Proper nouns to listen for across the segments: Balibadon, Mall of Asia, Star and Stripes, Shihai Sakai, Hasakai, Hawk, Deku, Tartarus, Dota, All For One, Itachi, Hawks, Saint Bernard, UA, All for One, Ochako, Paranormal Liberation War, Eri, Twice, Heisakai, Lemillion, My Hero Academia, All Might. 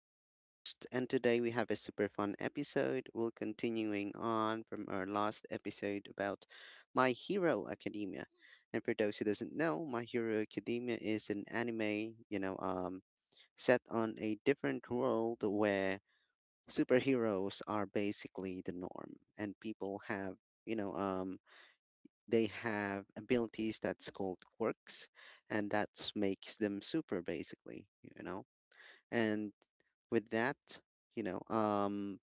I'm your host, and today we have a super fun episode. We're continuing on from our last episode about My Hero Academia. And for those who doesn't know, My Hero Academia is an anime, set on a different world where superheroes are basically the norm, and people have, you know, they have abilities that's called quirks, and that makes them super basically. And with that, you know, um,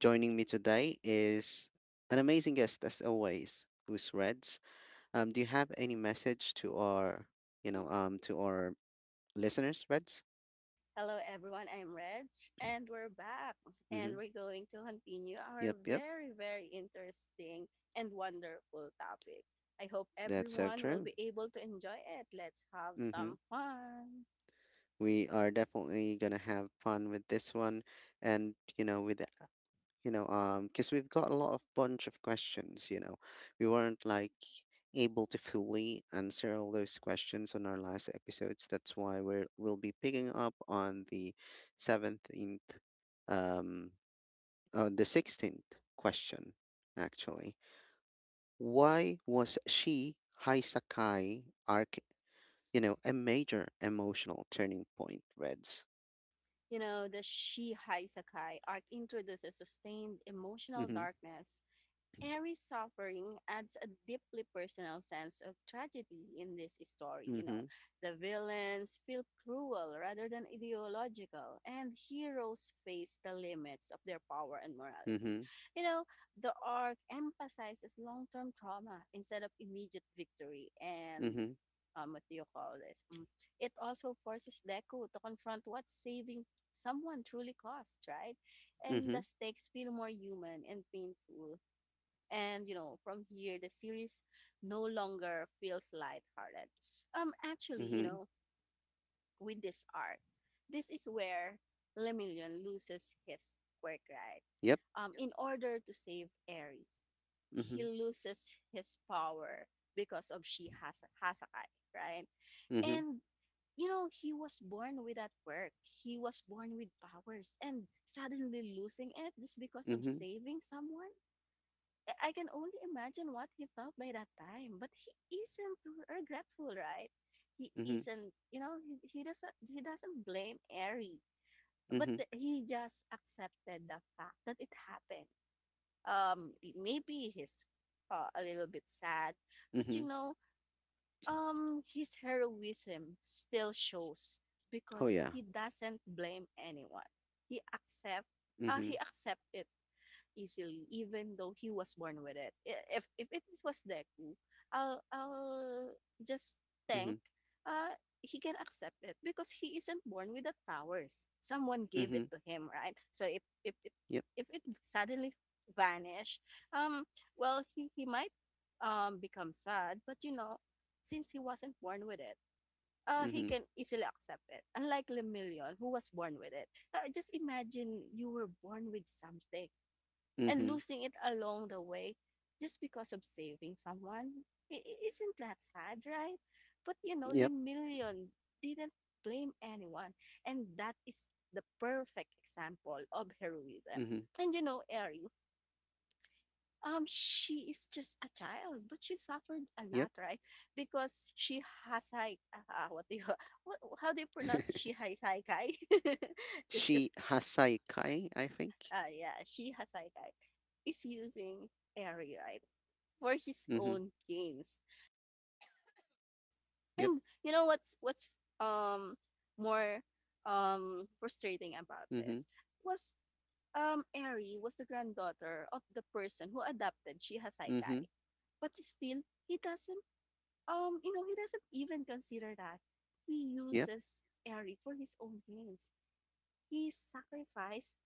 joining me today is an amazing guest as always, who's Reds. Do you have any message to our listeners, Reds? Hello, everyone. I'm Reg, and we're back. Mm-hmm. And we're going to continue our Yep, yep. very, very interesting and wonderful topic. I hope That's so everyone will true. be able to enjoy it. Let's have Mm-hmm. some fun. We are definitely gonna have fun with this one, and you know, with you know because we've got a lot of bunch of questions. We weren't like able to fully answer all those questions on our last episodes. That's why we'll be picking up on the 17th, um the 16th question, actually. Why was she Heisakai arc, a major emotional turning point, Reds? You know, the Shihai Sakai arc introduces sustained emotional Mhm. darkness. Every suffering adds a deeply personal sense of tragedy in this story. You know, Mhm. the villains feel cruel rather than ideological, and heroes face the limits of their power and morality. Mhm. You know, the arc emphasizes long term trauma instead of immediate victory and. Mhm. What do you call this? Mm, It also forces Deku to confront what saving someone truly cost, right? And the Mhm. stakes feel more human and painful, and from here the series no longer feels lighthearted. Actually, Mhm. With this arc, this is where Lemillion loses his quirk, right? Yep. In order to save Eri, he Mhm. loses his power because of she has Hasakai, right? And he was born with that work. He was born with powers and suddenly losing it just because of Mhm. saving someone. I can only imagine what he felt by that time. But he isn't regretful, right? He Mhm, isn't. He doesn't blame Ari, but mhm, he just accepted the fact that it happened. Maybe he's a little bit sad, but mhm. His heroism still shows Oh, because yeah. he doesn't blame anyone. He accept, he Mhm, accept it easily, even though he was born with it. If it was Deku, I'll just think mhm, uh he can accept it because he isn't born with the powers. Someone gave it mhm. to him, right? So if if it Yep. if it suddenly vanish, um, well he might become sad, but since he wasn't born with it, he Mhm, can easily accept it. Unlike Lemillion, who was born with it. Just imagine you were born with something and mhm. losing it along the way just because of saving someone. Isn't that sad, right? But Yep. Lemillion didn't blame anyone, and that is the perfect example of heroism. Mhm, And Eri, she is just a child, but she suffered a yep. lot, right? Because she has like what do you what, how do you pronounce she has like just because She Hasai Kai, I think. Yeah, she Hasaikai is using Airy right for his Mhm, own games. yep. And you know what's um more frustrating about Mhm, this was Airy was the granddaughter of the person who adopted she mhm. Hasaikai. But still he doesn't even consider that. He Yep. uses Airy for his own games. He sacrificed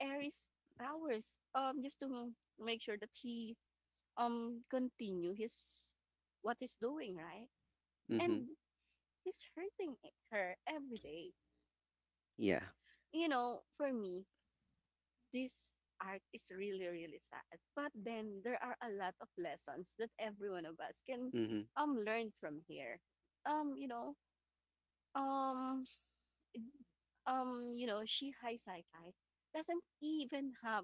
Ares hours just to make sure that he continue his what he's doing, right. Mhm. And he's hurting her every day. Yeah. For me, this art is really really sad, but then there are a lot of lessons that every one of us can Mhm. Learn from here. um you know um Shihai Saikai doesn't even have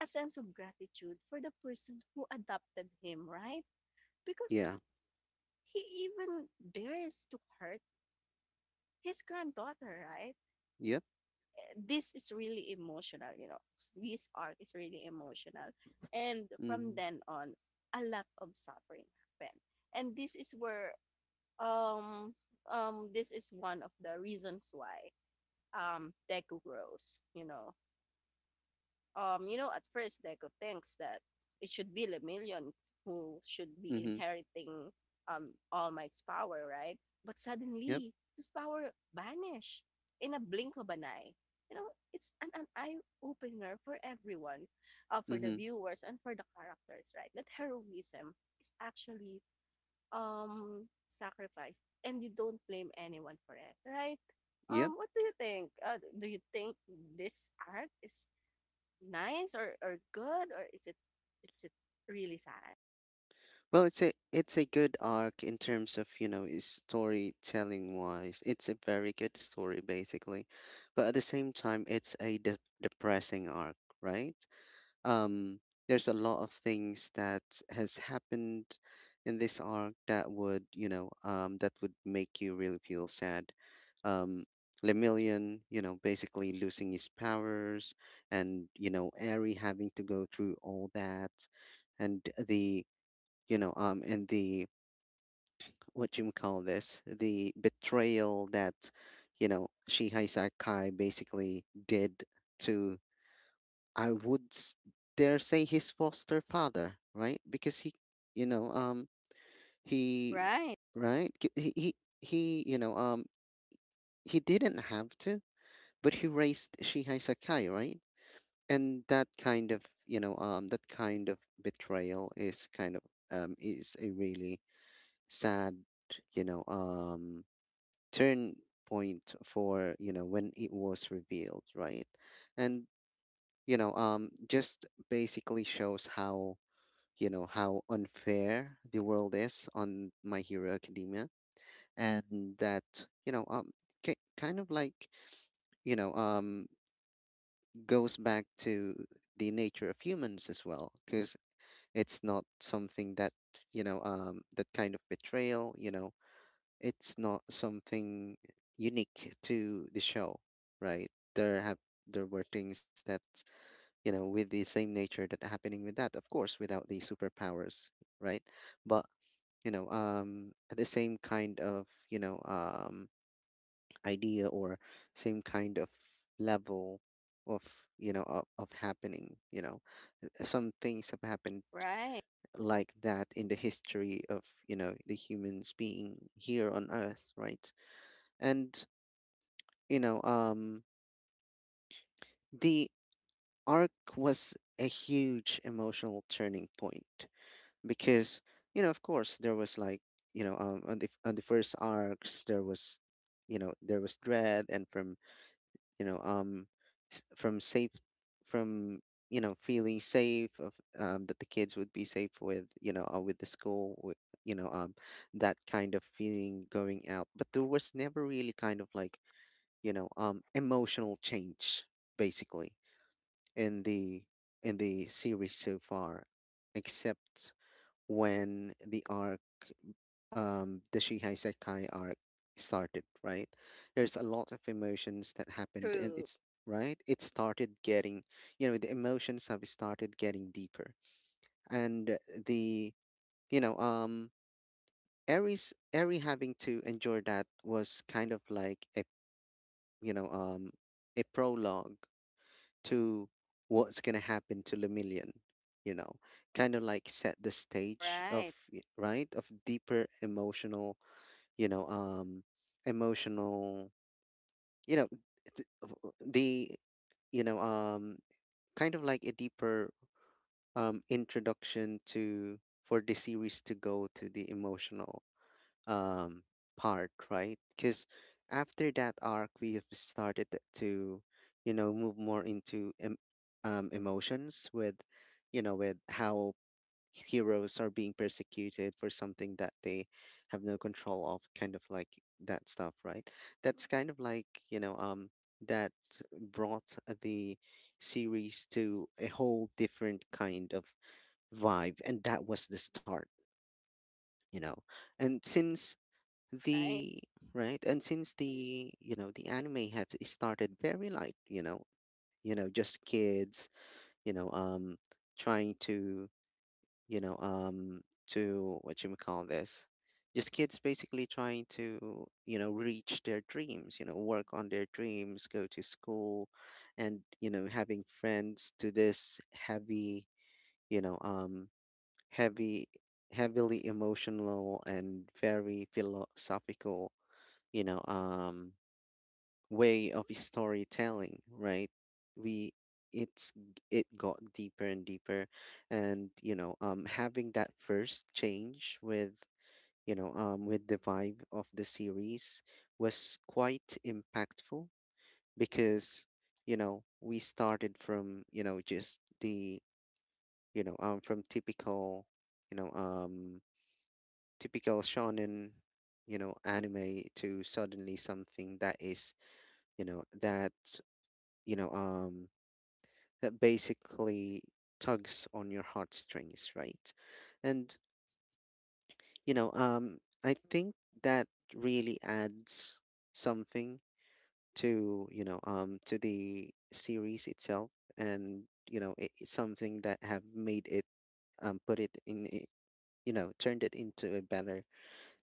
a sense of gratitude for the person who adopted him, right? Because Yeah. he even dares to hurt his granddaughter, right? Yep. This is really emotional, you know. This arc is really emotional. And from Mhm. then on, a lot of suffering happened. And this is where um this is one of the reasons why Deku grows. At first, Deco thinks that it should be Lemillion who should be Mhm. inheriting All Might's power, right? But Yep. suddenly his power vanished in a blink of an eye. You know, it's an eye opener for everyone, for the Mhm. viewers and for the characters, right? That heroism is actually sacrifice, and you don't blame anyone for it, right? Yep. What do you think? Do you think this arc is nice or good, or is it really sad? Well, it's a good arc in terms of, is storytelling wise. It's a very good story basically. But at the same time, it's a de depressing arc, right? um there's a lot of things that has happened in this arc that would make you really feel sad um Lemillion, basically losing his powers, and Aerie having to go through all that, and the what you call this, the betrayal that, Shihai Sakai basically did to, I would dare say, his foster father, right? Because you know, um, he, Right. right? He, you know, um, he didn't have to, but he raised Shihai Sakai, right? And that kind of betrayal is is a really sad, you know, um, turn point for, when it was revealed, right? And, just basically shows how unfair the world is on My Hero Academia, and that, you know, ki kind of like, you know, um, goes back to the nature of humans as well, because it's not something that, that kind of betrayal, it's not something unique to the show, right? There were things that, with the same nature, that happening with, that of course without the superpowers, right? But the same kind of, idea, or same kind of level of, of happening, uh, some things have happened Right. like that in the history of, the humans being here on earth, right? And, you know um the arc was a huge emotional turning point, because, of course, there was like, on the, on the first arcs, there was, there was dread, and from, you know um from safe, from, feeling safe of, that the kids would be safe with, with the school, with, you know um that kind of feeling going out. But there was never really kind of like, emotional change, basically, in the, in the series so far, except when the arc, the Shihai Sekai arc started, right? There's a lot of emotions that happened, and True. it's right. It started getting, the emotions have started getting deeper, and the, you know, um, Aries having to endure that, was kind of like a, you know, um, a prologue to what's going to happen to Lumillion, you know, kind of like set the stage of, Right. y- right, of deeper emotional, you know, um, emotional, you know, th- of- the, you know, kind of like a deeper, introduction to, for the series to go to the emotional, um part, right? Because after that arc, we have started to, move more into emotions with, with how heroes are being persecuted for something that they have no control of, kind of like that stuff, right? That's kind of like, that brought the series to a whole different kind of vibe, and that was the start, you know. And since Right. the, right, and since, the the anime have started very light, just kids, you know um trying to, you know um to what you would call this, just kids basically trying to, reach their dreams, work on their dreams, go to school and, having friends, to this heavy, you know um heavy, heavily emotional and very philosophical, you know um way of storytelling, right? we It got deeper and deeper, and, having that first change with, with the vibe of the series, was quite impactful, because, we started from, just the, from typical, you know um typical shonen, anime to suddenly something that is, that, you know um that basically tugs on your heartstrings, right? And, I think that really adds something to, to the series itself, and, it's something that have made it, put it in turned it into a better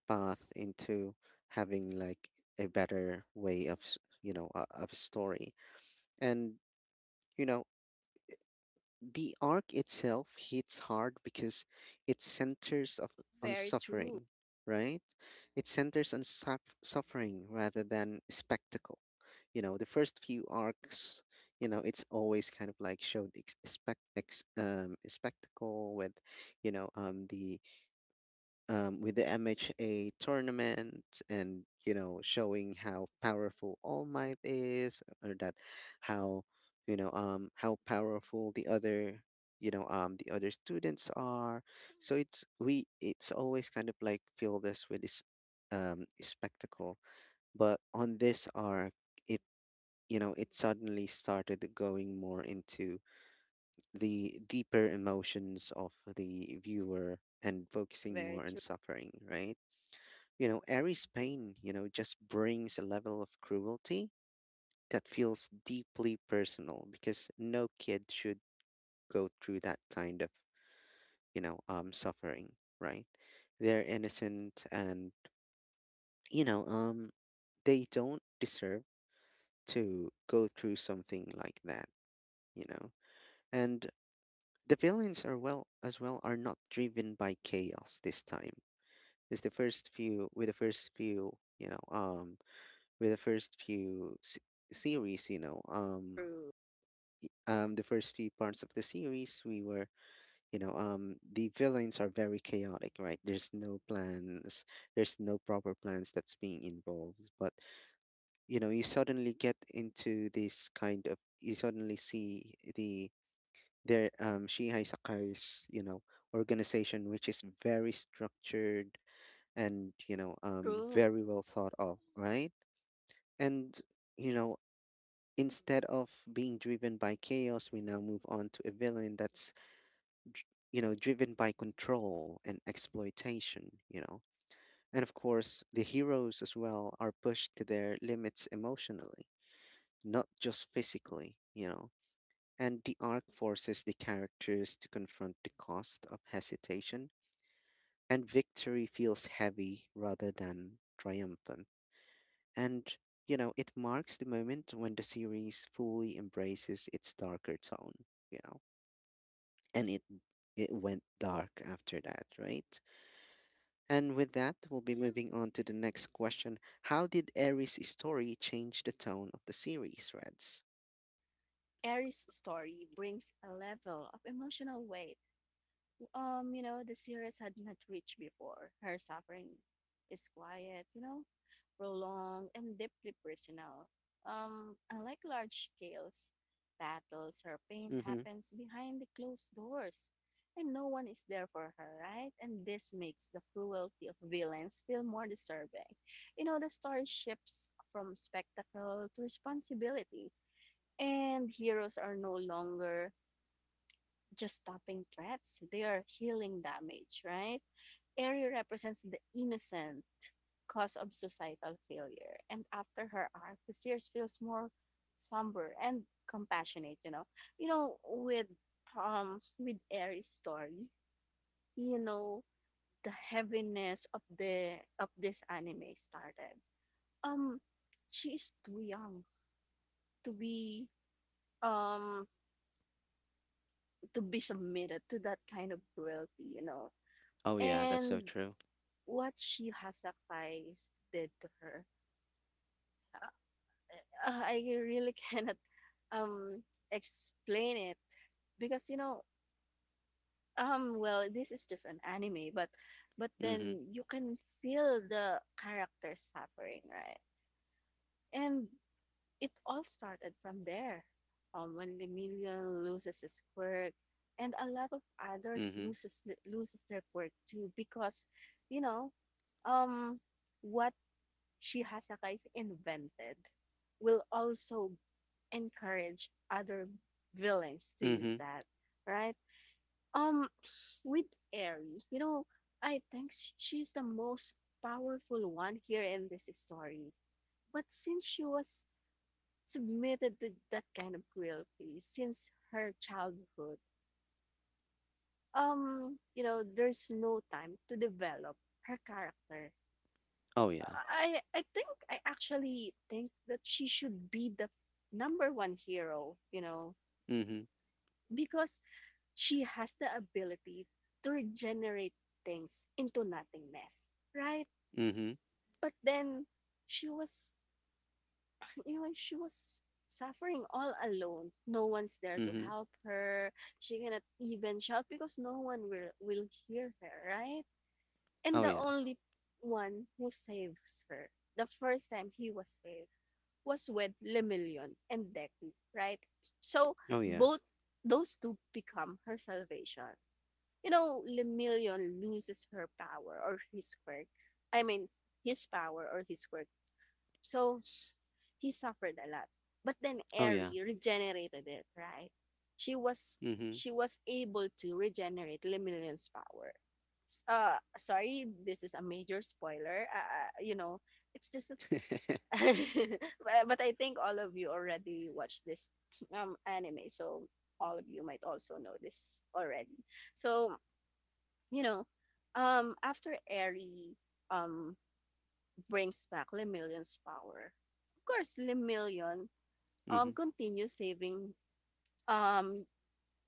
path, into having like a better way of of story. And, you know, the arc itself hits hard because it centers on Very true. suffering, right? It centers on suffering rather than spectacle. You know, the first few arcs, it's always kind of like showed spectacle with, you know, the with the MHA tournament, and, showing how powerful All Might is, or that how, how powerful the other, the other students are, so it's always kind of like filled us with this, spectacle. But on this arc, it, it suddenly started going more into the deeper emotions of the viewer, and focusing Very more on true. suffering, right? You know, Aries' pain, you know, just brings a level of cruelty that feels deeply personal, because no kid should go through that kind of, suffering, right? They're innocent, and, you know, um, they don't deserve to go through something like that, you know? And the villains, are well, as well, are not driven by chaos this time. Is the first few, with the first few, with the first series, True. The first few parts of the series, we were, the villains are very chaotic, right? There's no plans, there's no proper plans that's being involved. But, you suddenly get into this kind of, you suddenly see the, their, Shihai Sakai's, organization, which is very structured, and, True. very well thought of, right? And, you know, instead of being driven by chaos, we now move on to a villain that's, dr- driven by control and exploitation, you know. And of course, the heroes as well are pushed to their limits emotionally, not just physically, you know. And the arc forces the characters to confront the cost of hesitation, and victory feels heavy rather than triumphant. And, you know, it marks the moment when the series fully embraces its darker tone, you know, and it went dark after that, right? And with that, we'll be moving on to the next question. How did Aries' story change the tone of the series, Reds? Aries' story brings a level of emotional weight the series had not reached before. Her suffering is quiet, prolonged and deeply personal. Unlike large scales battles, her pain Mm-hmm. happens behind the closed doors, and no one is there for her, right? And this makes the cruelty of villains feel more disturbing. You know, the story shifts from spectacle to responsibility, and heroes are no longer just stopping threats, they are healing damage, right? Eri represents the innocent cause of societal failure. And after her arc, the series feels more somber and compassionate. You know, with with Eri's story, you know, the heaviness of the of this anime started. Um she is too young to be um to be submitted to that kind of cruelty. Oh yeah, that's so And true. what she sacrificed did to her. I really cannot um, explain it, because well, this is just an anime, but Mm-hmm. then you can feel the characters suffering, right. And it all started from there when Emilian loses his quirk, and a lot of others Mm-hmm. loses their quirk too, because you know um what She has Shihasakai invented will also encourage other villains to use Mm-hmm. that, right? Um, with Eri, I think she's the most powerful one here in this story. But since she was submitted to that kind of cruelty since her childhood, there's no time to develop her character. Oh yeah. I actually think that she should be the number one hero, Mm-hmm. because she has the ability to regenerate things into nothingness, right? Mm-hmm. But then she was, you know, she was suffering all alone. No one's there to Mm-hmm. help her. She cannot even shout because no one will hear her, right? And Oh the yeah. only one who saves her the first time he was saved was with Lemillion and Deku, right? So Oh yeah. both those two become her salvation. You know, Lemillion loses her power or his quirk. I mean, his power or his quirk. So he suffered a lot. But then Oh Eri yeah. regenerated it, right? She was Mm-hmm. she was able to regenerate Lemillion's power. Sorry, this is a major spoiler. It's just but I think all of you already watched this anime, so all of you might also know this already. So you know, after Eri um brings back Lemillion's power, of course Lemillion Mm-hmm. continues saving um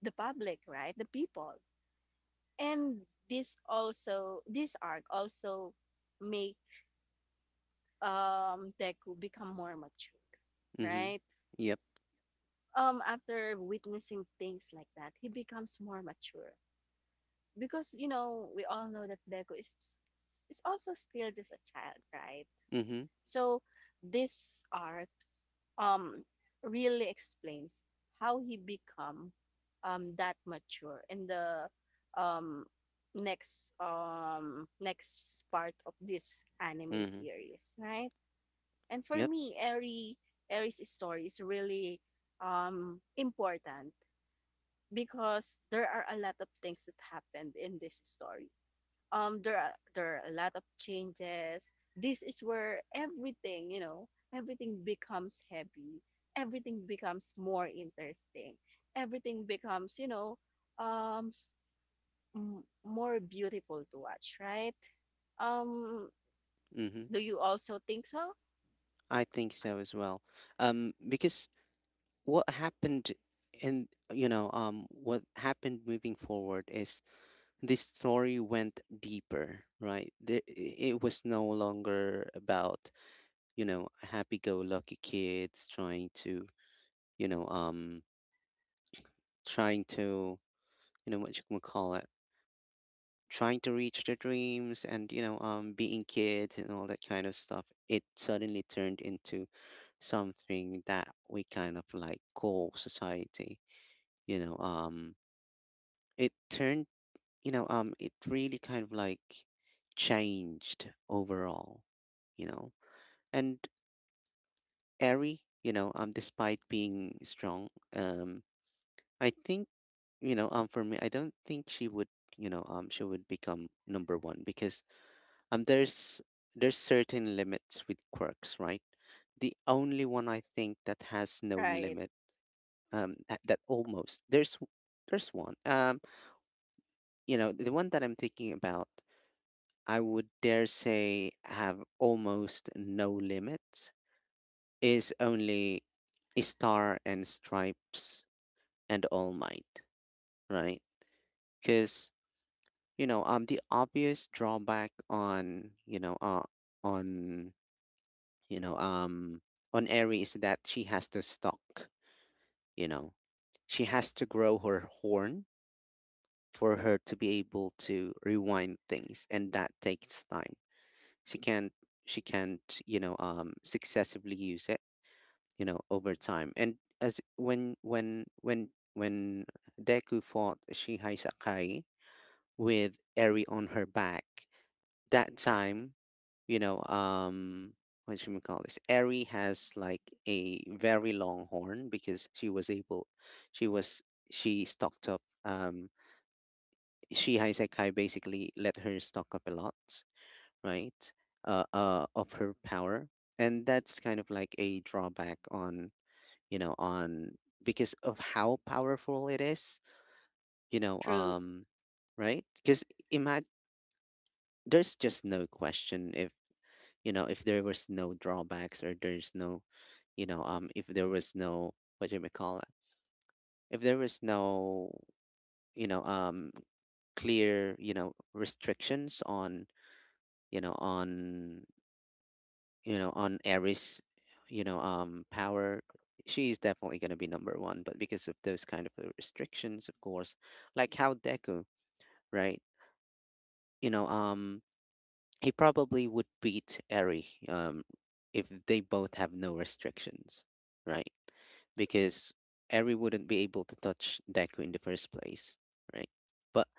the public, right, the people. And this arc also make Deku become more mature, Mm-hmm. right? Yep. After witnessing things like that, he becomes more mature, because we all know that Deco is also still just a child, right. Mm-hmm. So this art um really explains how he become that mature in the um next part of this anime Mm-hmm. series, right. And for Yep. me, Eri's story is really important, because there are a lot of things that happened in this story. There are a lot of changes. This is where everything becomes heavy. Everything becomes more interesting. Everything becomes, um, more beautiful to watch, right? Um, Mm-hmm. do you also think so? I think so as well. Because what happened in, what happened moving forward is, this story went deeper, right? It was no longer about happy-go-lucky kids trying to you know um trying to what you can call it, trying to reach their dreams, and being kids and all that kind of stuff. It suddenly turned into something that we kind of like call society. you know um it turned, it really kind of like changed overall, you know and airy, despite being strong. um I think, for me, I don't think she would, she would become number one because Um, there's there's certain limits with quirks, right? The only one I think that has no Right. limit, that almost, there's one. The one that I'm thinking about, I would dare say have almost no limit is only Star and Stripes and All Might, right? Because the obvious drawback on, on you know, um, on Eri is that she has to stalk, you know, she has to grow her horn for her to be able to rewind things, and that takes time. She can't, she can't, successively use it, over time. And as when Deku fought Shihai Sakai with Eri on her back, that time. you know, um, what should we call this? Eri has like a very long horn because she was able, she was, she stocked up. Shihai Sekai basically let her stock up a lot, right? Of her power. And that's kind of like a drawback on, you know, on because of how powerful it is, you know, True. um, right? Because imagine there's just no question. If if there was no drawbacks, or there's no, if there was no, what do you may call it, if there was no, you know um clear, restrictions on, you know on on Aries, power, she's definitely going to be number one. But because of those kind of, restrictions, of course, like how Deku, right? you know um He probably would beat Eri, if they both have no restrictions, right? Because Eri wouldn't be able to touch Deku in the first place, right? But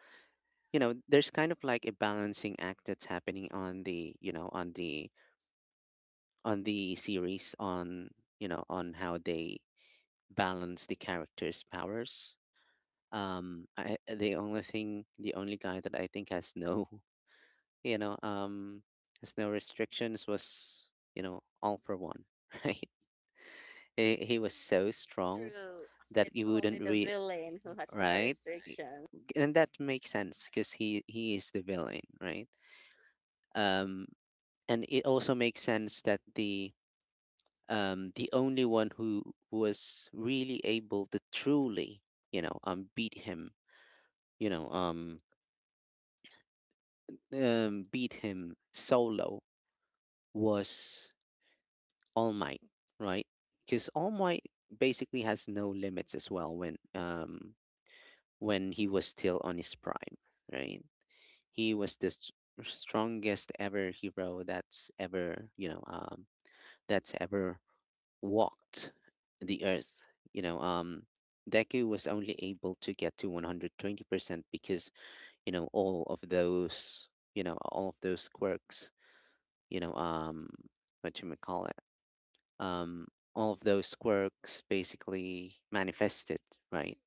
there's kind of like a balancing act that's happening on the, on the series, on, on how they balance the characters' powers. The only thing, the only guy that I think has no, you know, um, there's no restrictions, was, all for one, right? He was so strong True. that It's you only wouldn't the re, villain who has no right? I- restriction. And that makes sense because he is the villain, right? Um, and it also makes sense that the only one who was really able to truly, you know, um, beat him, you know, um, beat him solo was All Might, right? Because All Might basically has no limits as well, when he was still on his prime, right? He was the strongest ever hero that's ever, that's ever walked the earth. You know um Deku was only able to get to 120% because, all of those all of those quirks, you know um what you may call it, um, all of those quirks basically manifested, right?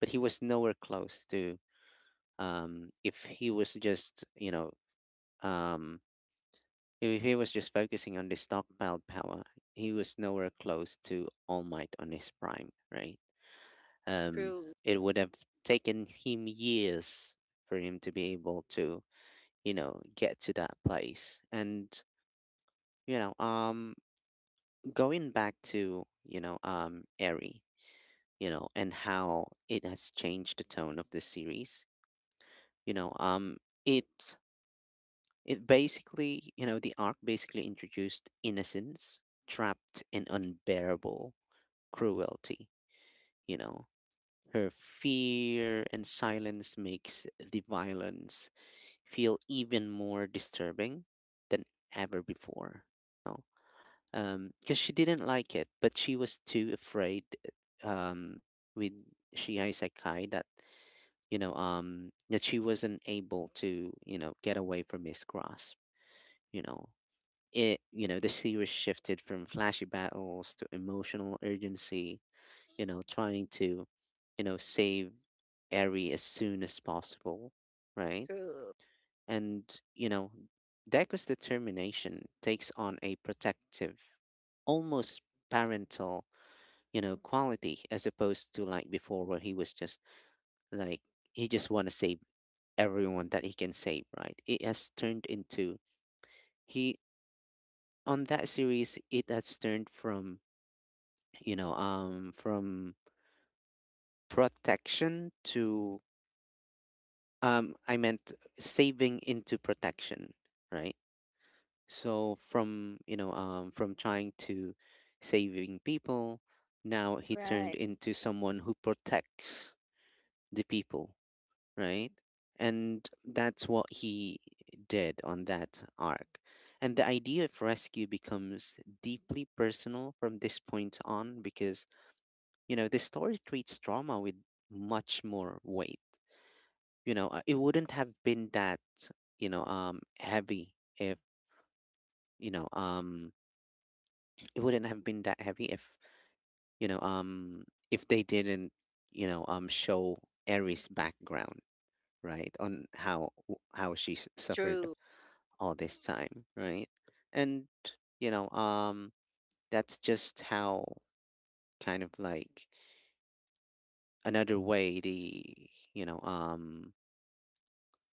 But he was nowhere close to, if he was just, you know, um, if he was just focusing on the stockpiled power. He was nowhere close to All Might on his prime, right? Um, True. it would have taken him years for him to be able to, get to that place. And, you know, um, going back to, Eri, and how it has changed the tone of the series. You know, um, it it basically, the arc basically introduced innocence trapped in unbearable cruelty. You know, Her fear and silence makes the violence feel even more disturbing than ever before. Because she didn't like it, but she was too afraid. Um, with Shihei Sekai, that that she wasn't able to, get away from his grasp. You know, the series shifted from flashy battles to emotional urgency. Trying to, save Eri as soon as possible, right? True. And, you know, Deku's determination takes on a protective, almost parental, quality as opposed to like before, where he was just like, he just want to save everyone that he can save, right? It has turned into, he, on that series it has turned from, from protection to, I meant saving into protection, right? So from, trying to saving people, now he turned Right. into someone who protects the people, right? And that's what he did on that arc. And the idea of rescue becomes deeply personal from this point on, because, the story treats trauma with much more weight. It wouldn't have been that, heavy if, you know, um, it wouldn't have been that heavy if, you know, um, if they didn't, show Aries' background, right, on how she suffered True. all this time, right? And, you know, um, that's just how, kind of like, another way the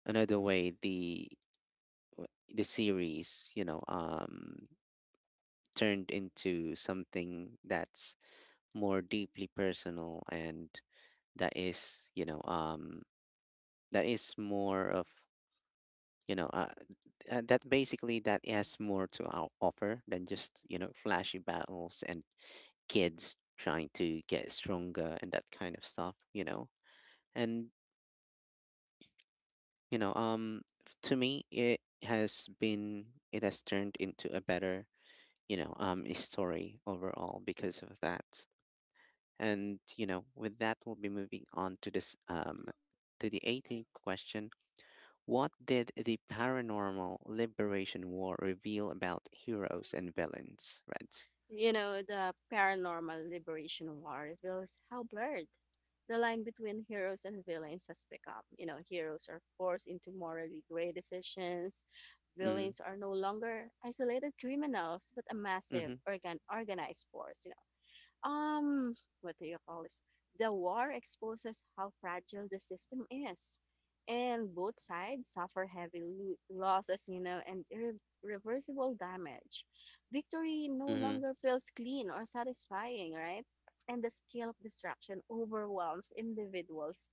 another way the the series, turned into something that's more deeply personal, and that is, that is more of, you know uh, that basically, that has more to our offer than just, flashy battles, and kids trying to get stronger, and that kind of stuff. And, to me, it has turned into a better, story overall because of that. And, with that, we'll be moving on to this, to the 18th question. What did the paranormal liberation war reveal about heroes and villains, Reds? You know, the paranormal liberation war reveals how blurred the line between heroes and villains has become. You know, heroes are forced into morally gray decisions. Mm-hmm. Villains are no longer isolated criminals, but a massive Mm-hmm. Organized force. Um what do you call this The war exposes how fragile the system is, and both sides suffer heavy losses, and irreversible damage. Victory no Mm-hmm. longer feels clean or satisfying, right. And the scale of destruction overwhelms individuals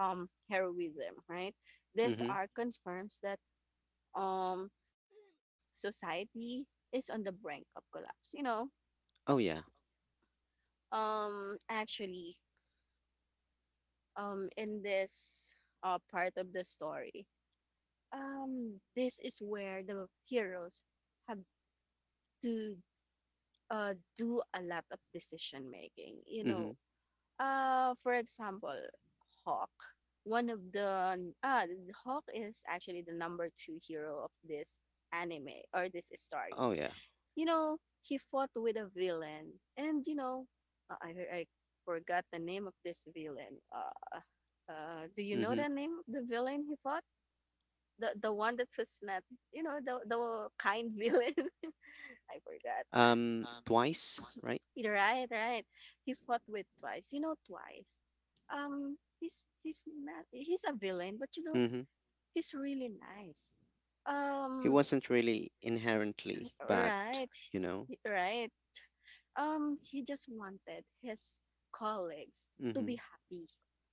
heroism, right. This Mm-hmm. arc confirms that um society is on the brink of collapse. Oh yeah. Actually, in this part of the story, this is where the heroes have to do a lot of decision making. Mm-hmm. For example, Hawk, one of the hawk is actually the number two hero of this anime or this story. Oh yeah. He fought with a villain. And, I forgot the name of this villain. Do you know Mm-hmm. the name of the villain he fought? The one that was not, the kind villain. I forgot. Twice, right? Right, right. He fought with twice. You know, twice. He's not, he's a villain, but Mm-hmm. he's really nice. He Um, wasn't really inherently bad, right, you know? right. He just wanted his colleagues to Mm-hmm. be happy.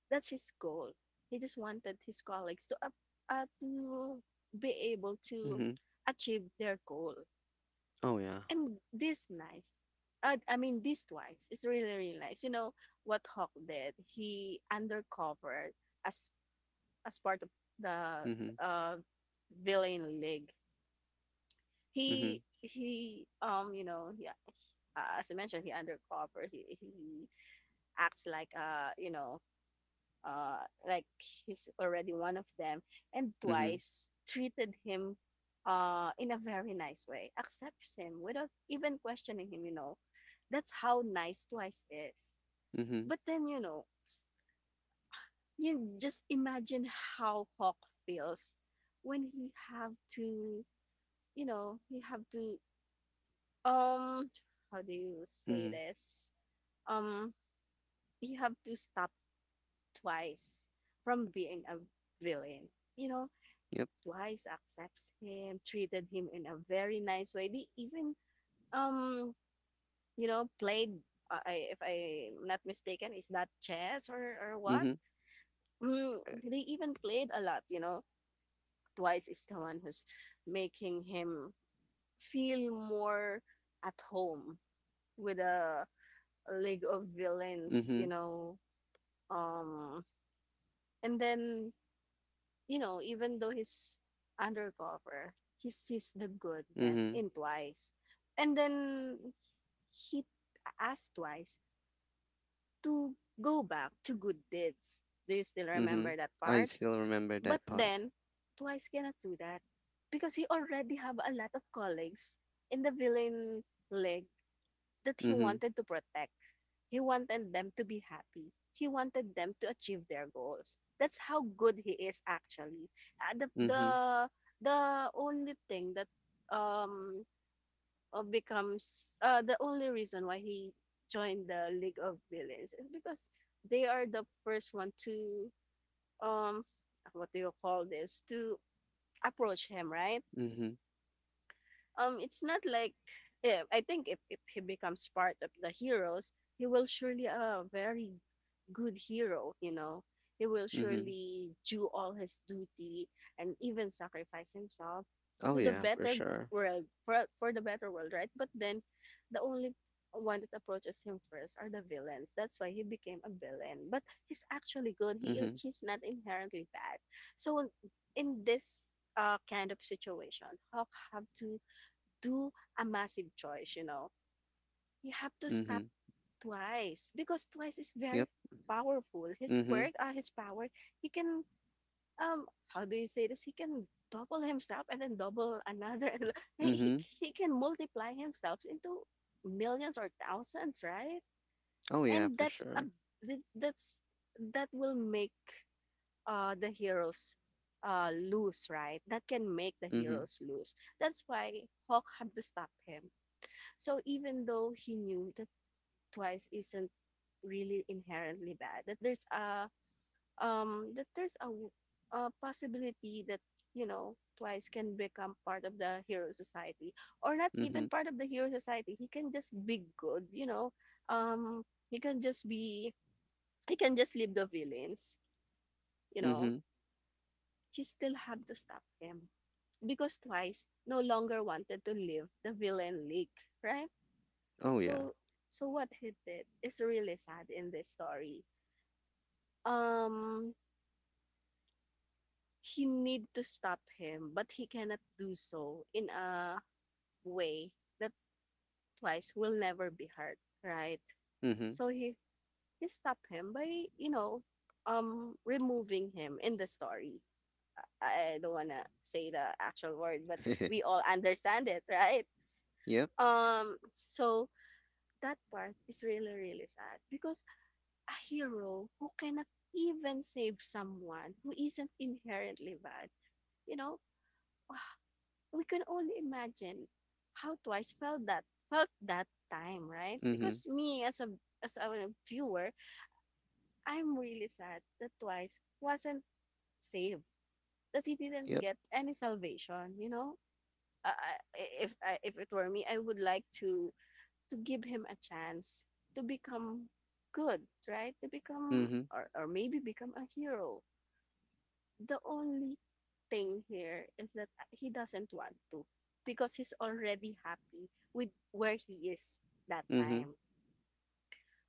That's his goal. He just wanted his colleagues to to be able to Mm-hmm. achieve their goal. Oh, yeah. And this nice, I mean, this twice is really really nice. You know what Hawk did? He undercover as part of the Mm-hmm. uh, villain league. Mm-hmm. He you know he, as I mentioned he undercover he acts like uh like he's already one of them, and Mm-hmm. twice treated him in a very nice way, accepts him without even questioning him, you know. That's how nice twice is. Mm-hmm. But then, you know, you just imagine how Hawk feels when he have to, you know, he have to, um how do you say Mm-hmm. this? um you have to stop twice from being a villain. You know, Yep. twice accepts him, treated him in a very nice way. They even, um, you know, played, I, if I'm not mistaken, is that chess or what? Mm-hmm. Mm, Eh. they even played a lot, you know. Twice is the one who's making him feel more at home with a league of villains, you Mm-hmm. know. Um, and then, you know, even though he's undercover, he sees the goodness Mm-hmm. in Twice. And then he asked Twice to go back to good deeds. Do you still Mm-hmm. remember that I part? still remember But that part. then Twice cannot do that because he already have a lot of colleagues in the villain league that he Mm-hmm. wanted to protect. He wanted them to be happy. He wanted them to achieve their goals. That's how good he is actually. The Mm-hmm. the only thing that um becomes the only reason why he joined the League of Villains is because they are the first one to um what do you call this, to approach him, right? Mm-hmm. It's not like, I think if he becomes part of the heroes, he will surely a very good hero, you know. He will Mm-hmm. surely do all his duty and even sacrifice himself Oh to the yeah, for better sure. world, for the better world, right? But then the only one that approaches him first are the villains. That's why he became a villain. But he's actually good. Mm-hmm. He's not inherently bad. So in this kind of situation, Hawk have to do a massive choice, you know. You have to stop Mm-hmm. twice because twice is very Yep. powerful. His Mm-hmm. quirk, his power, he can, how do you say this? He can double himself and then double another, and he Mm-hmm. he can multiply himself into millions or thousands, right? Oh yeah, And for sure. that's- that will make the heroes lose, right? That can make the Mm-hmm. heroes lose. That's why Hawk had to stop him. So even though he knew that twice isn't really inherently bad, that there's a that there's a possibility that, you know, twice can become part of the hero society, or not even Mm-hmm. part of the hero society. He can just be good, you know. Um, he can just be, he can just leave the villains, you know. Mm-hmm. He still have to stop him because twice no longer wanted to live the villain league, right? Oh yeah. So, what he did is really sad in this story. Um he need to stop him, but he cannot do so in a way that twice will never be hurt, right? Mm-hmm. So he stopped him by, you know, removing him in the story. I don't wanna say the actual word, but we all understand it, right? Yep. So that part is really really sad because a hero who cannot even save someone who isn't inherently bad. You know, ah, we can only imagine how twice felt that time, right? Mm-hmm. Because me as a as a viewer, I'm really sad that twice wasn't saved, that he didn't Yep. get any salvation. You know, uh, if I, if it were me, I would like to give him a chance to become good, right? To become, Mm-hmm. or maybe become a hero. The only thing here is that he doesn't want to because he's already happy with where he is that Mhm, time.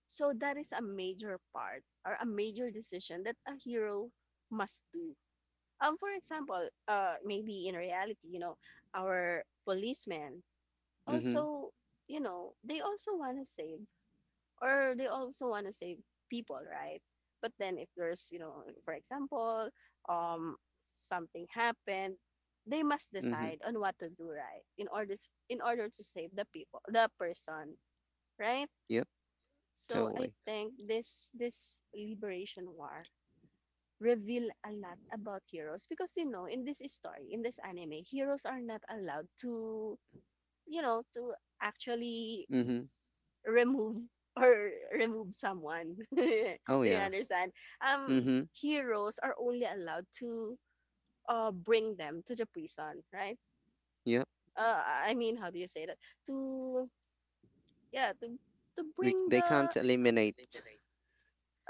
So that is a major part, or a major decision, that a hero must do. For example, maybe in reality, you know, our policemen mhm, also, you know, they also want to save, or they also want to save people, right? But then if there's, you know, for example, um, something happened, they must mhm. decide on what to do, right? In order, in order to save the people, the person, right? Yep, So I totally. think this liberation war reveal a lot about heroes because, you know, in this story, in this anime, heroes are not allowed to, you know, to actually Mhm. remove or remove someone. Do Oh you yeah. understand? Um, Mhm. Heroes are only allowed to bring them to the prison, right? Yep. Uh, I mean, how do you say that? To, yeah, to We bring they the— can't They can't eliminate. eliminate.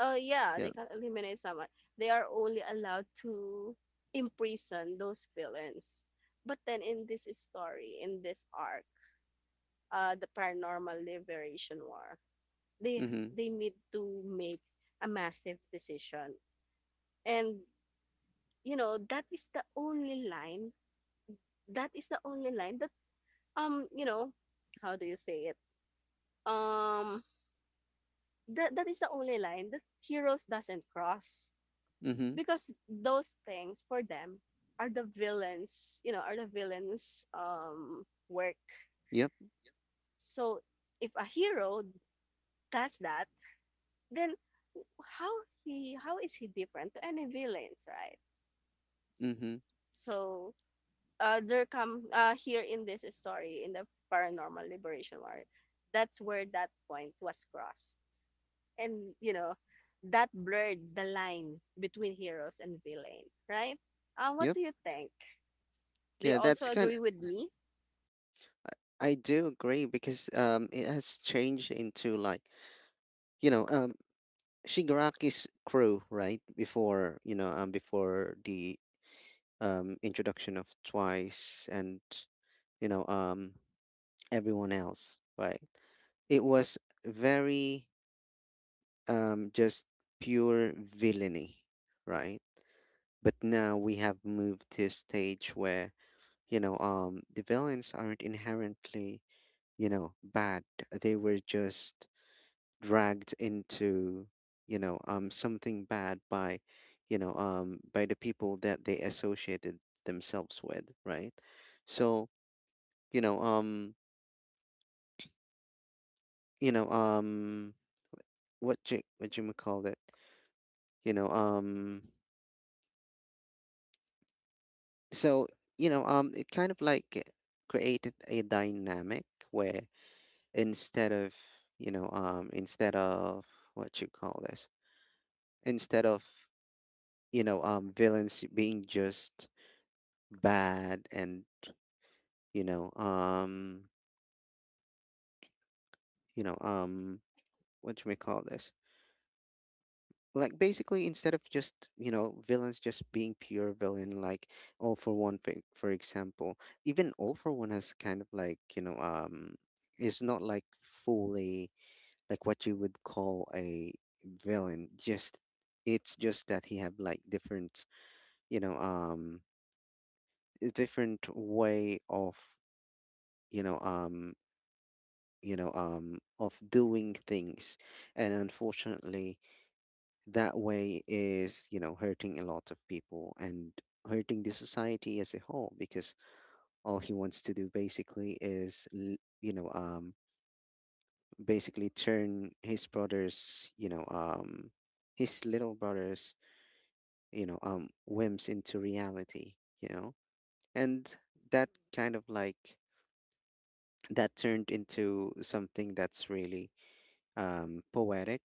Yeah, Yeah. they can't eliminate someone. They are only allowed to imprison those villains. But then in this story, in this arc, the paranormal liberation war, they Mhm. they need to make a massive decision, and, you know, that is the only line, that is the only line that, you know, how do you say it? um that is the only line that heroes doesn't cross, Mhm. because those things for them are the villains, you know, are the villains, work. Yep. So if a hero does that, then how he how is he different to any villains, right? Mhm. So, there come here in this story, in the paranormal liberation war, that's where that point was crossed. And you know, that blurred the line between heroes and villain, right? What Yep. do you think? Do you Yeah, also that's kind. agree with me? I do agree, because it has changed into like, you know um Shigaraki's crew, right? Before, before the introduction of Twice and, you know um everyone else, right? It was very, just pure villainy, right? But now we have moved to a stage where, the villains aren't inherently, bad. They were just dragged into, something bad by, the people that they associated themselves with, right? So, you know, um, you know, um, what you call it, you know, um. so, it kind of like created a dynamic where, instead of, you know um instead of what you call this, instead of, villains being just bad, and, you know um you know um what you may call this, like basically, instead of just, villains just being pure villain, like all for one, for example. Even all for one has kind of like, is not like fully, like what you would call a villain. Just, it's just that he have like different, you know um a different way of, you know um of doing things, and unfortunately that way is, hurting a lot of people, and hurting the society as a whole, because all he wants to do basically is, you know um basically, turn his brother's, his little brother's, whims into reality. And that kind of like, that turned into something that's really, poetic.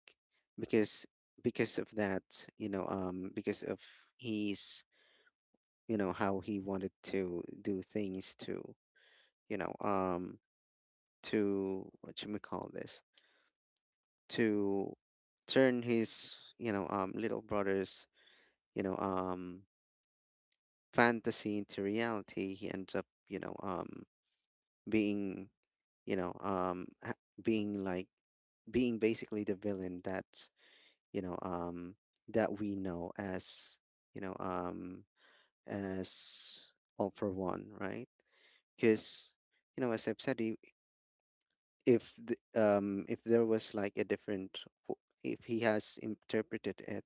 because because of that because of his, how he wanted to do things to, you know um what you may call this, to turn his, little brother's, you know um fantasy into reality, he ends up, being you know um ha- being like, being basically the villain that, you know um that we know as, you know um as all for one, right? Because, as I've said, he, if the, if there was like a different if he has interpreted it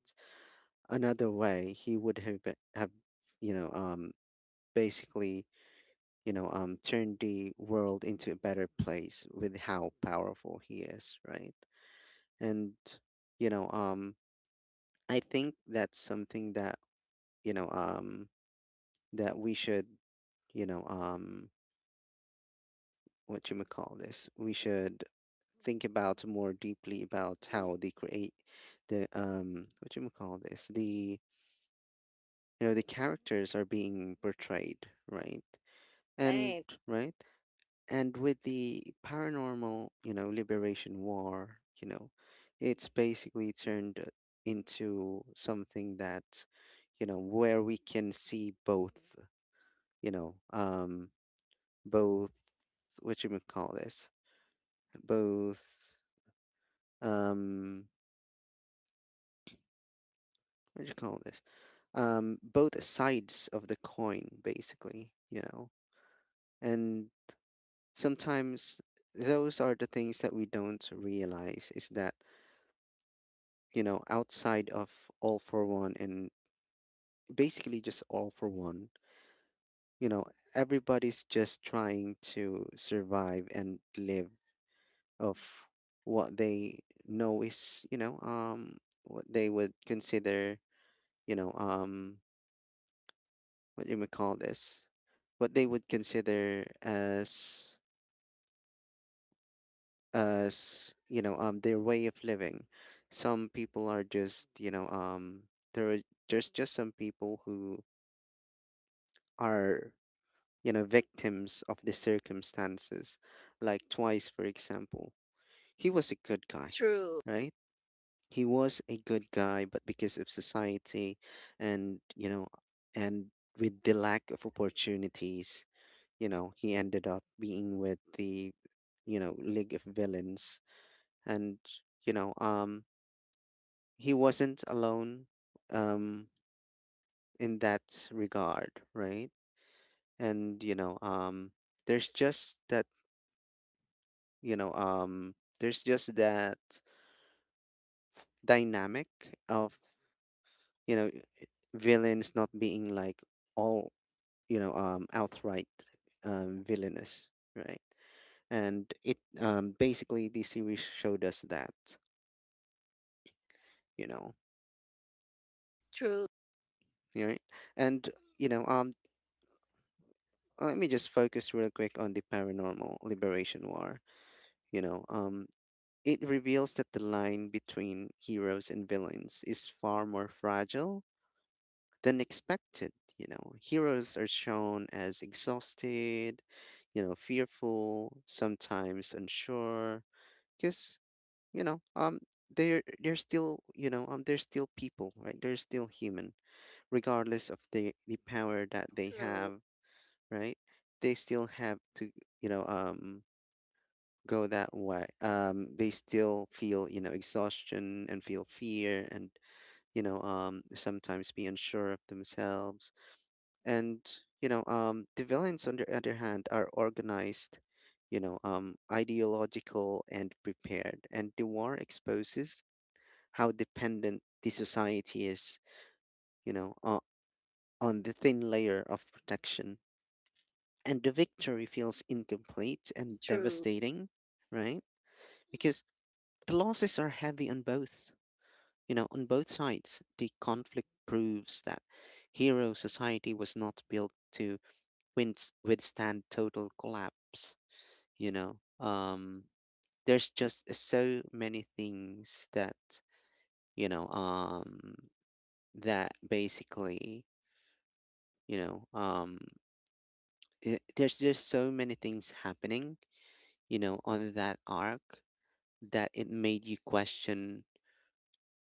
another way, he would have have, you know um basically, turned the world into a better place with how powerful he is, right? And, you know um I think that's something that, you know um that we should, you know um what you may call this, we should think about more deeply, about how they create the, what you call this, the, the characters are being portrayed, right? And Right. right, and with the paranormal, liberation war, it's basically turned into something that where we can see both, you know um both, what you may call this, both, um what do you call this, both sides of the coin, basically. And sometimes those are the things that we don't realize, is that, outside of all for one and basically just all for one, you know, everybody's just trying to survive and live of what they know is, what they would consider, you know, um, what you may call this, what they would consider as as their way of living. Some people are just, there are there's just some people who are, victims of the circumstances, like Twice for example. He was a good guy, True. right? He was a good guy, but because of society and, and with the lack of opportunities, he ended up being with the, League of Villains. And you know He wasn't alone um in that regard, right? And, there's just that you know um there's just that dynamic of, you know villains not being like, all, outright, villainous, right. And it, basically the series showed us that, you know True. right. and you know let me just focus real quick on the Paranormal Liberation War. You know, um, it reveals that the line between heroes and villains is far more fragile than expected. Heroes are shown as exhausted, fearful, sometimes unsure, because, you know, um, they're still people, right? They're still human, regardless of the power that they True. have, right? They still have to, you know, um, go that way. They still feel, exhaustion and feel fear, and, sometimes be unsure of themselves. And, the villains, on the other hand, are organized, ideological and prepared. And the war exposes how dependent the society is, you know, uh, on the thin layer of protection. And the victory feels incomplete and True. devastating, right? Because the losses are heavy on both, on both sides. The conflict proves that hero society was not built to withstand total collapse. you know um there's just, so many things that, you know um that basically, you know I there's just so many things happening, on that arc, that it made you question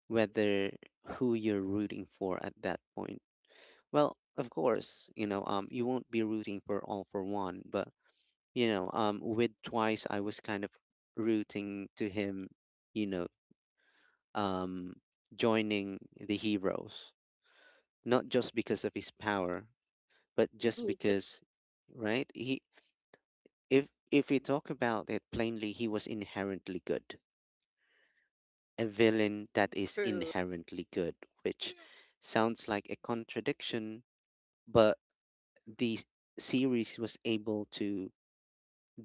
whether who you're rooting for at that point. Well, of course, you won't be rooting for all for one, but, with Twice, I was kind of rooting to him, you know, um, joining the heroes, not just because of his power, but just Me too. because, right? He, if we talk about it plainly, he was inherently good, a villain that is True. inherently good, which sounds like a contradiction, but the series was able to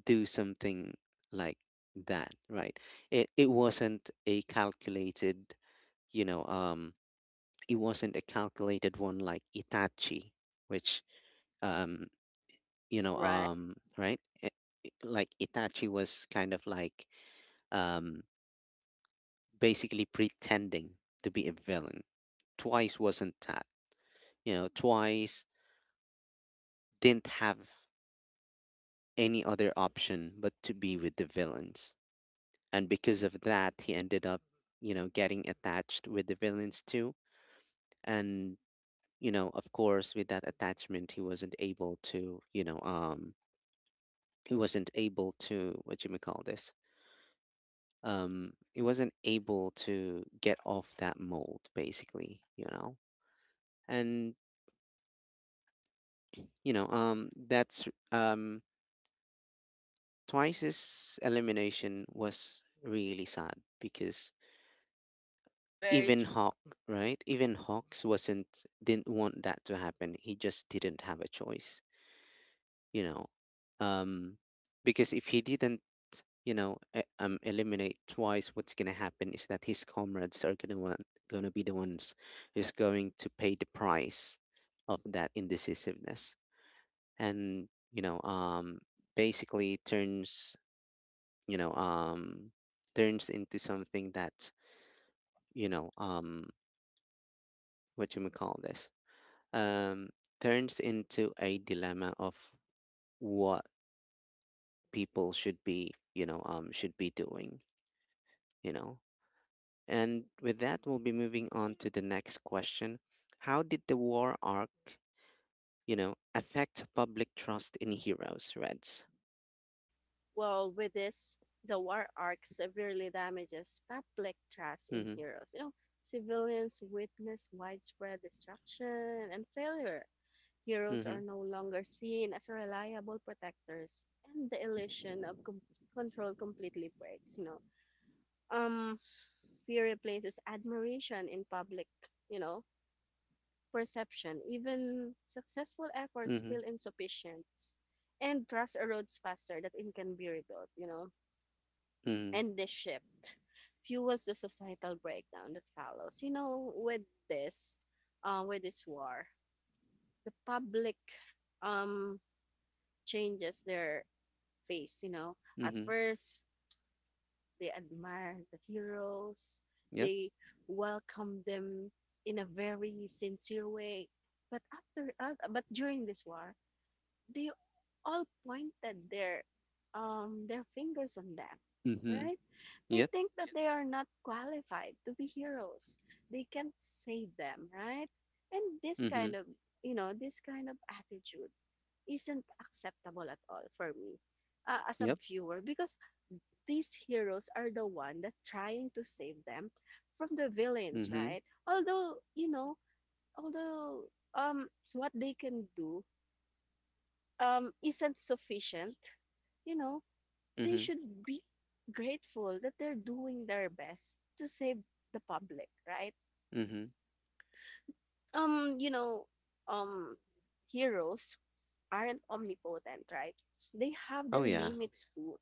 do something like that, right? It wasn't a calculated, you know, it wasn't a calculated one like Itachi, which, um, Right. Right? Like Itachi was kind of like, um, basically pretending to be a villain. Twice wasn't that. Twice didn't have any other option but to be with the villains, and because of that he ended up, getting attached with the villains too. And, of course, with that attachment, he wasn't able to, he wasn't able to, what you may call this, he wasn't able to get off that mold basically, you know. and that's, Twice's elimination was really sad, because Very. even Hawk, right? Even Hawks wasn't didn't want that to happen. He just didn't have a choice, you know. Um, because if he didn't, eliminate Twice, what's gonna happen is that his comrades are gonna be the ones who's going to pay the price of that indecisiveness, and, basically turns, you know, um, turns into something that, you know, um, what you may call this, um, turns into a dilemma of what people should be, should be doing, you know. And with that, we'll be moving on to the next question. How did the war arc, affect public trust in heroes, Reds? Well, with this, the war arc severely damages public trust in Mm-hmm, heroes. You know, civilians witness widespread destruction and failure. Heroes mm-hmm, are no longer seen as reliable protectors, and the illusion of control completely breaks. You know, um, fear replaces admiration in public. You know, perception. Even successful efforts mm-hmm, feel insufficient, and trust erodes faster than it can be rebuilt. You know. mm-hmm, And this shift fuels the societal breakdown that follows. You know, this, with this war, the public, um, changes their face. You know, at mm-hmm. first they admire the heroes, Yep, they welcome them in a very sincere way. But after, but during this war, they all pointed their fingers on them, mm-hmm, right? They yep, think that they are not qualified to be heroes, they can't save them, right? And this mm-hmm, kind of, you know, this kind of attitude isn't acceptable at all for me, as a yep, viewer, because these heroes are the one that trying to save them from the villains, mm-hmm, right? Although, you know, although, um what they can do, isn't sufficient, you know, mm-hmm, they should be grateful that they're doing their best to save the public, right? mm-hmm. You know, um, heroes aren't omnipotent, right? They have Oh, their yeah. limits too.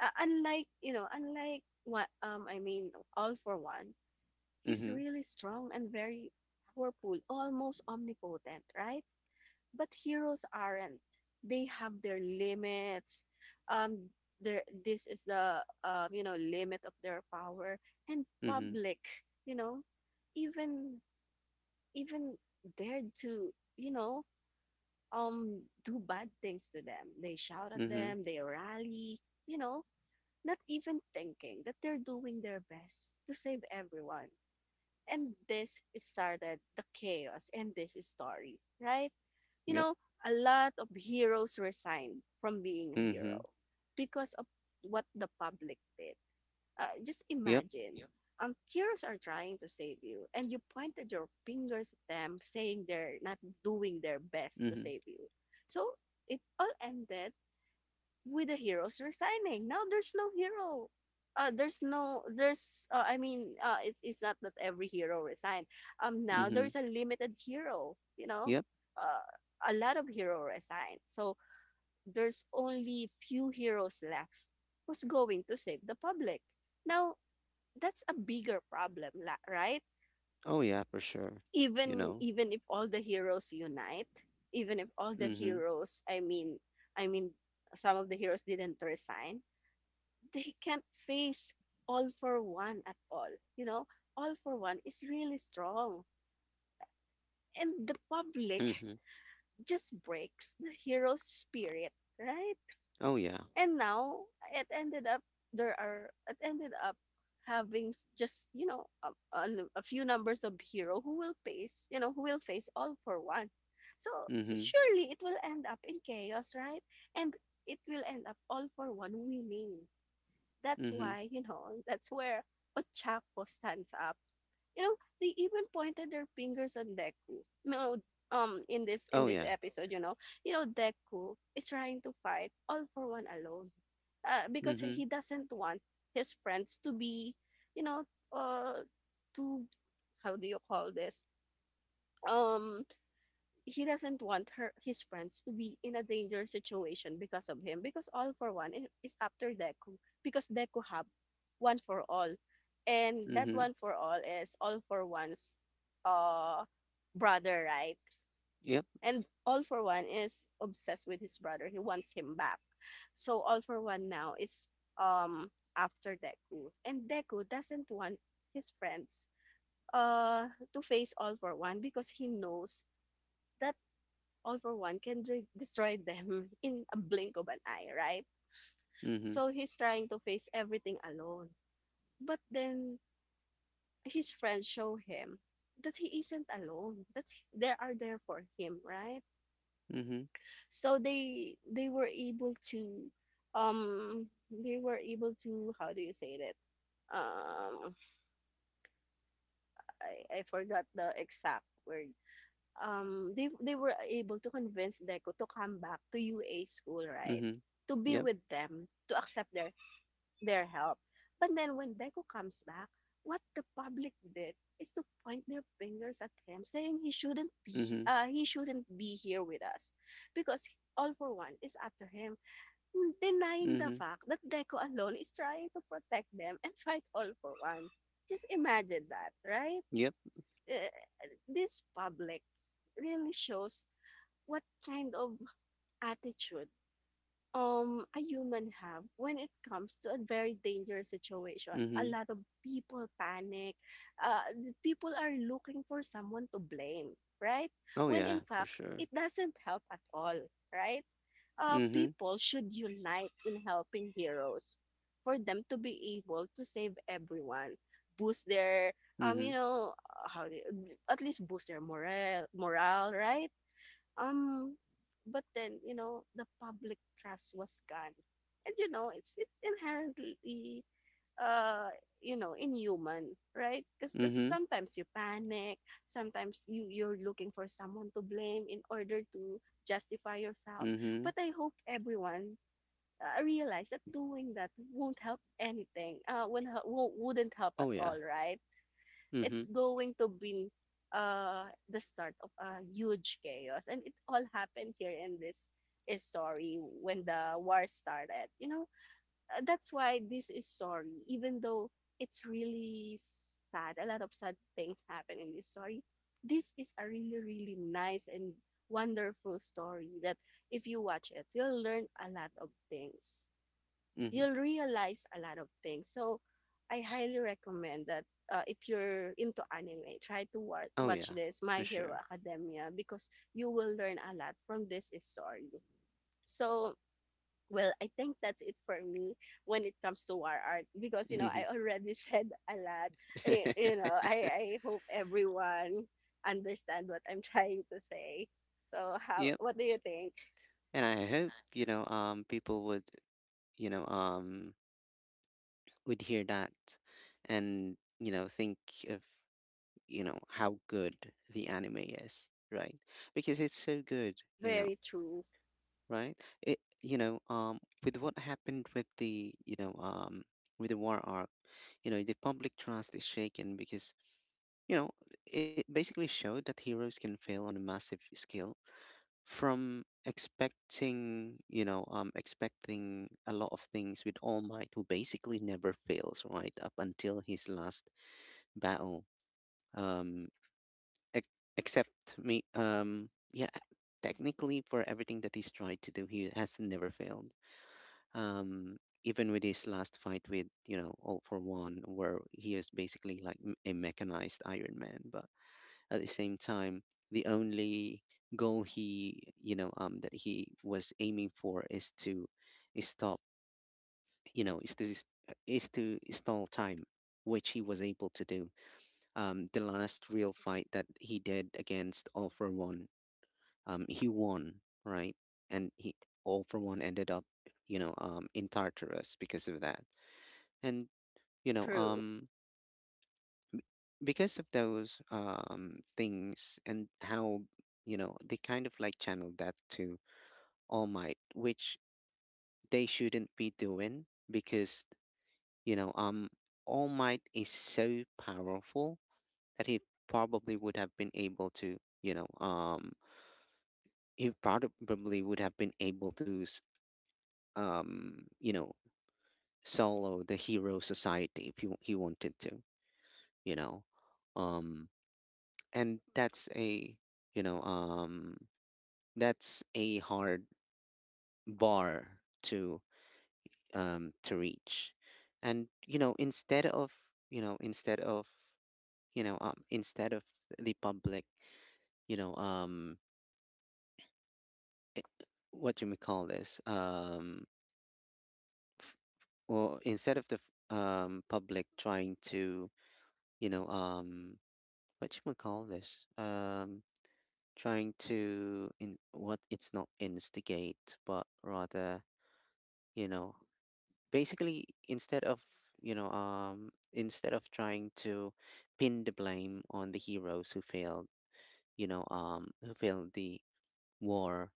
Unlike, you know, unlike what, I mean, all for one, he's Mm-hmm, really strong and very powerful, almost omnipotent, right? But heroes aren't, they have their limits. um there, this is the, you know, limit of their power. And mm-hmm, public, you know, even even dared to, you know, do bad things to them, they shout at mm-hmm, them, they rally, you know, not even thinking that they're doing their best to save everyone. And this started the chaos in this story, right? You yep, know, a lot of heroes resign from being a mm-hmm, hero because of what the public did. Just yep, imagine. Yep. Heroes are trying to save you, and you pointed your fingers at them, saying they're not doing their best to mm-hmm, save you. So it all ended with the heroes resigning. Now there's no hero. There's no there's, I mean, it's, not that every hero resigned. Now mm-hmm. there's a limited hero. You know, Yep. uh, a lot of hero resigned. So there's only few heroes left who's going to save the public. Now that's a bigger problem, right? Oh yeah, for sure. You Even, know. even if all the heroes unite, even if all the Mhm. heroes, I mean, some of the heroes didn't resign, they can't face all for one at all. You know, all for one is really strong. And the public Mhm. just breaks the hero's spirit, right? Oh yeah. And now it ended up, there are it ended up having just, you know, a, a few numbers of hero who will face, you know, who will face all for one. So Mhm. surely it will end up in chaos, right? And it will end up all for one winning. That's Mhm. why, you know, that's where Ochako stands up. You know, they even pointed their fingers on Deku. No, in this, in Oh this yeah. episode, you know, Deku is trying to fight all for one alone, because Mhm. he doesn't want his friends to be, you know, uh, to how do you call this? Um, he doesn't want her his friends to be in a dangerous situation because of him, because all for one is after Deku, because Deku have one for all, and that Mhm. one for all is all for one's uh brother, right? Yep. And all for one is obsessed with his brother. He wants him back. So all for one now is um after Deku, and Deku doesn't want his friends to face all for one because he knows that all for one can destroy them in a blink of an eye, right? Mhm. So he's trying to face everything alone. But then his friends show him that he isn't alone, that they are there for him, right? Mhm. So they were able to, they were able to, how do you say that? Um I forgot the exact word. They were able to convince Deco to come back to UA school, right? Mhm. To be Yep. with them, to accept their help. But then when Deco comes back, what the public did is to point their fingers at him, saying Mhm. He shouldn't be here with us, because all for one is after him, denying the Mhm. fact that Deco alone is trying to protect them and fight all for one. Just imagine that, right? Yep. Uh, this public really shows what kind of attitude a human have when it comes to a very dangerous situation. A Mhm. lot of people panic, uh, people are looking for someone to blame, right? Oh When in yeah, for fact sure. it doesn't help at all, right? Mhm. people should unite in helping heroes for them to be able to save everyone, boost their, Mhm. At least boost their morale, right? Um, but then, you know, the public trust was gone, and, you know, it's inherently, uh you know, inhuman, right? Because Mhm. sometimes you panic, sometimes you're looking for someone to blame in order to justify yourself. Mhm. But I hope everyone, realize that doing that won't help anything. Won't help, won't, wouldn't help at Oh all, yeah. right? It's Mhm. going to be, the start of a huge chaos. And it all happened here in this story when the war started. You know, that's why this is story, even though it's really sad. A lot of sad things happen in this story. This is a really, really nice and wonderful story that if you watch it, you'll learn a lot of things. Mhm. You'll realize a lot of things. So I highly recommend that, if you're into anime, try to Oh watch yeah, this for My Hero sure. Academia, because you will learn a lot from this story. So, well, I think that's it for me when it comes to war art, because, you know, I Mhm. already said a lot. I, you know, I I hope everyone understand what I'm trying to say. So, how Yep. what do you think? And I hope, people would, you know um hear that, and, think of, how good the anime is, right? Because it's so good, you know Very true. right, it, with what happened with the, with the war arc, the public trust is shaken, because, you know it basically showed that heroes can fail on a massive scale, from expecting, expecting a lot of things with All Might, who basically never fails, right up until his last battle. um ex- Except me, yeah. Technically, for everything that he's tried to do, he has never failed. um Even with his last fight with, all for one, where he is basically like a mechanized Iron Man, but at the same time, the only goal he, that he was aiming for is to, is stop you know is to is to stall time, which he was able to do. The last real fight that he did against all for one, he won, right? And he all for one ended up, in Tartarus because of that. And you know, True, um, because of those, things, and how, they kind of like channeled that to All Might, which they shouldn't be doing because, you know, um, All Might is so powerful that he probably would have been able to, he probably would have been able to s- um you know solo the hero society if he wanted to, you know um and that's a, you know um hard bar to, to reach. And, you know instead of instead of the public, you know um i- what do we call this, f- or instead of the public trying to, you know um what you call this? Trying to in, what, it's not instigate, but rather, you know, basically instead of, instead of trying to pin the blame on the heroes who failed, who failed the war.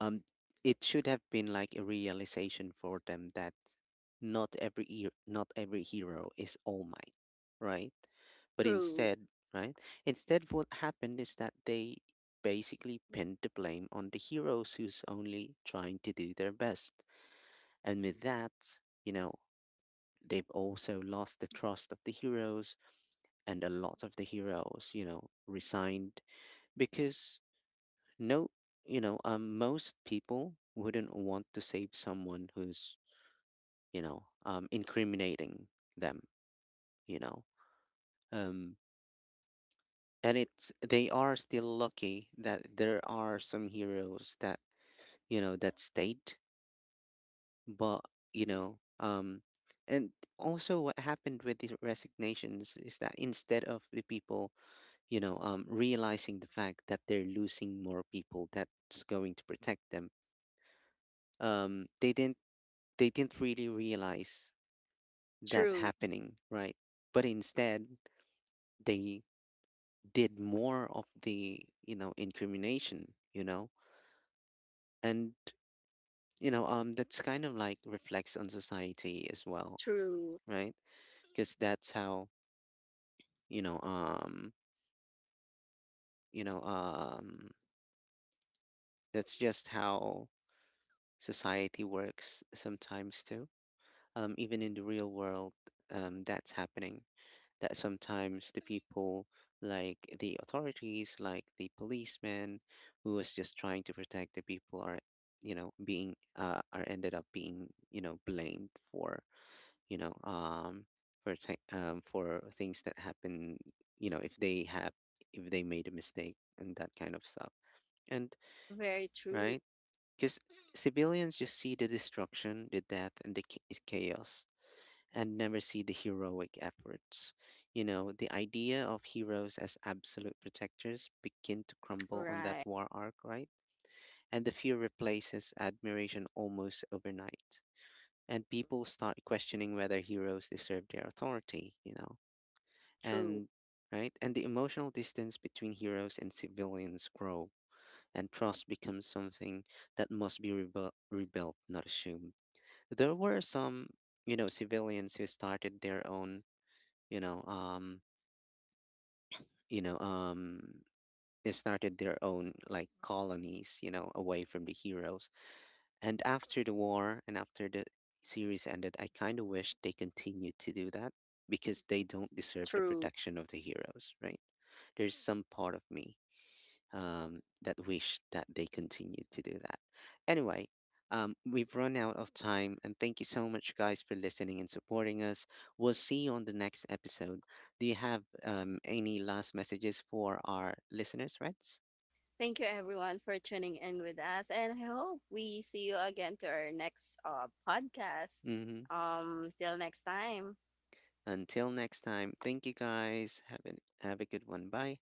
um, it should have been like a realization for them that not every hero, not every hero is All Might, right? But true, instead, right? Instead, what happened is that they basically pinned the blame on the heroes who's only trying to do their best. And with that, you know, they've also lost the trust of the heroes, and a lot of the heroes, resigned, because no, most people wouldn't want to save someone who's, incriminating them, you know um and it's, they are still lucky that there are some heroes that, that stayed, but, you know um and also, what happened with these resignations is that, instead of the people, realizing the fact that they're losing more people that's going to protect them, um they didn't they didn't really realize that true, happening, right? But instead, they did more of the, incrimination, you know? And, that's kind of like reflects on society as well, true. right? Because that's how, you know, um, you know, um, that's just how society works sometimes too. Even in the real world, that's happening. That sometimes the people, like the authorities, like the policeman, who was just trying to protect the people, are, being are ended up being, blamed for, you know um for for things that happen, you know if they have if they made a mistake and that kind of stuff, and Very true. right, because civilians just see the destruction, the death, and the chaos, and never see the heroic efforts. The idea of heroes as absolute protectors begin to crumble on that Right. war arc, right? And the fear replaces admiration almost overnight. And people start questioning whether heroes deserve their authority. True. And right? And the emotional distance between heroes and civilians grow, and trust becomes something that must be rebuilt, not assumed. There were some, civilians who started their own, you know um you know um they started their own like colonies, away from the heroes, and after the war, and after the series ended, I kind of wish they continued to do that, because they don't deserve the True. protection of the heroes, right? There's some part of me, that wish that they continue to do that. Anyway, we've run out of time, and thank you so much, guys, for listening and supporting us. We'll see you on the next episode. Do you have, any last messages for our listeners, Reds? Thank you everyone for tuning in with us, and I hope we see you again to our next, podcast. Hmm. Till next time. Until next time, thank you, guys. Have a good one. Bye.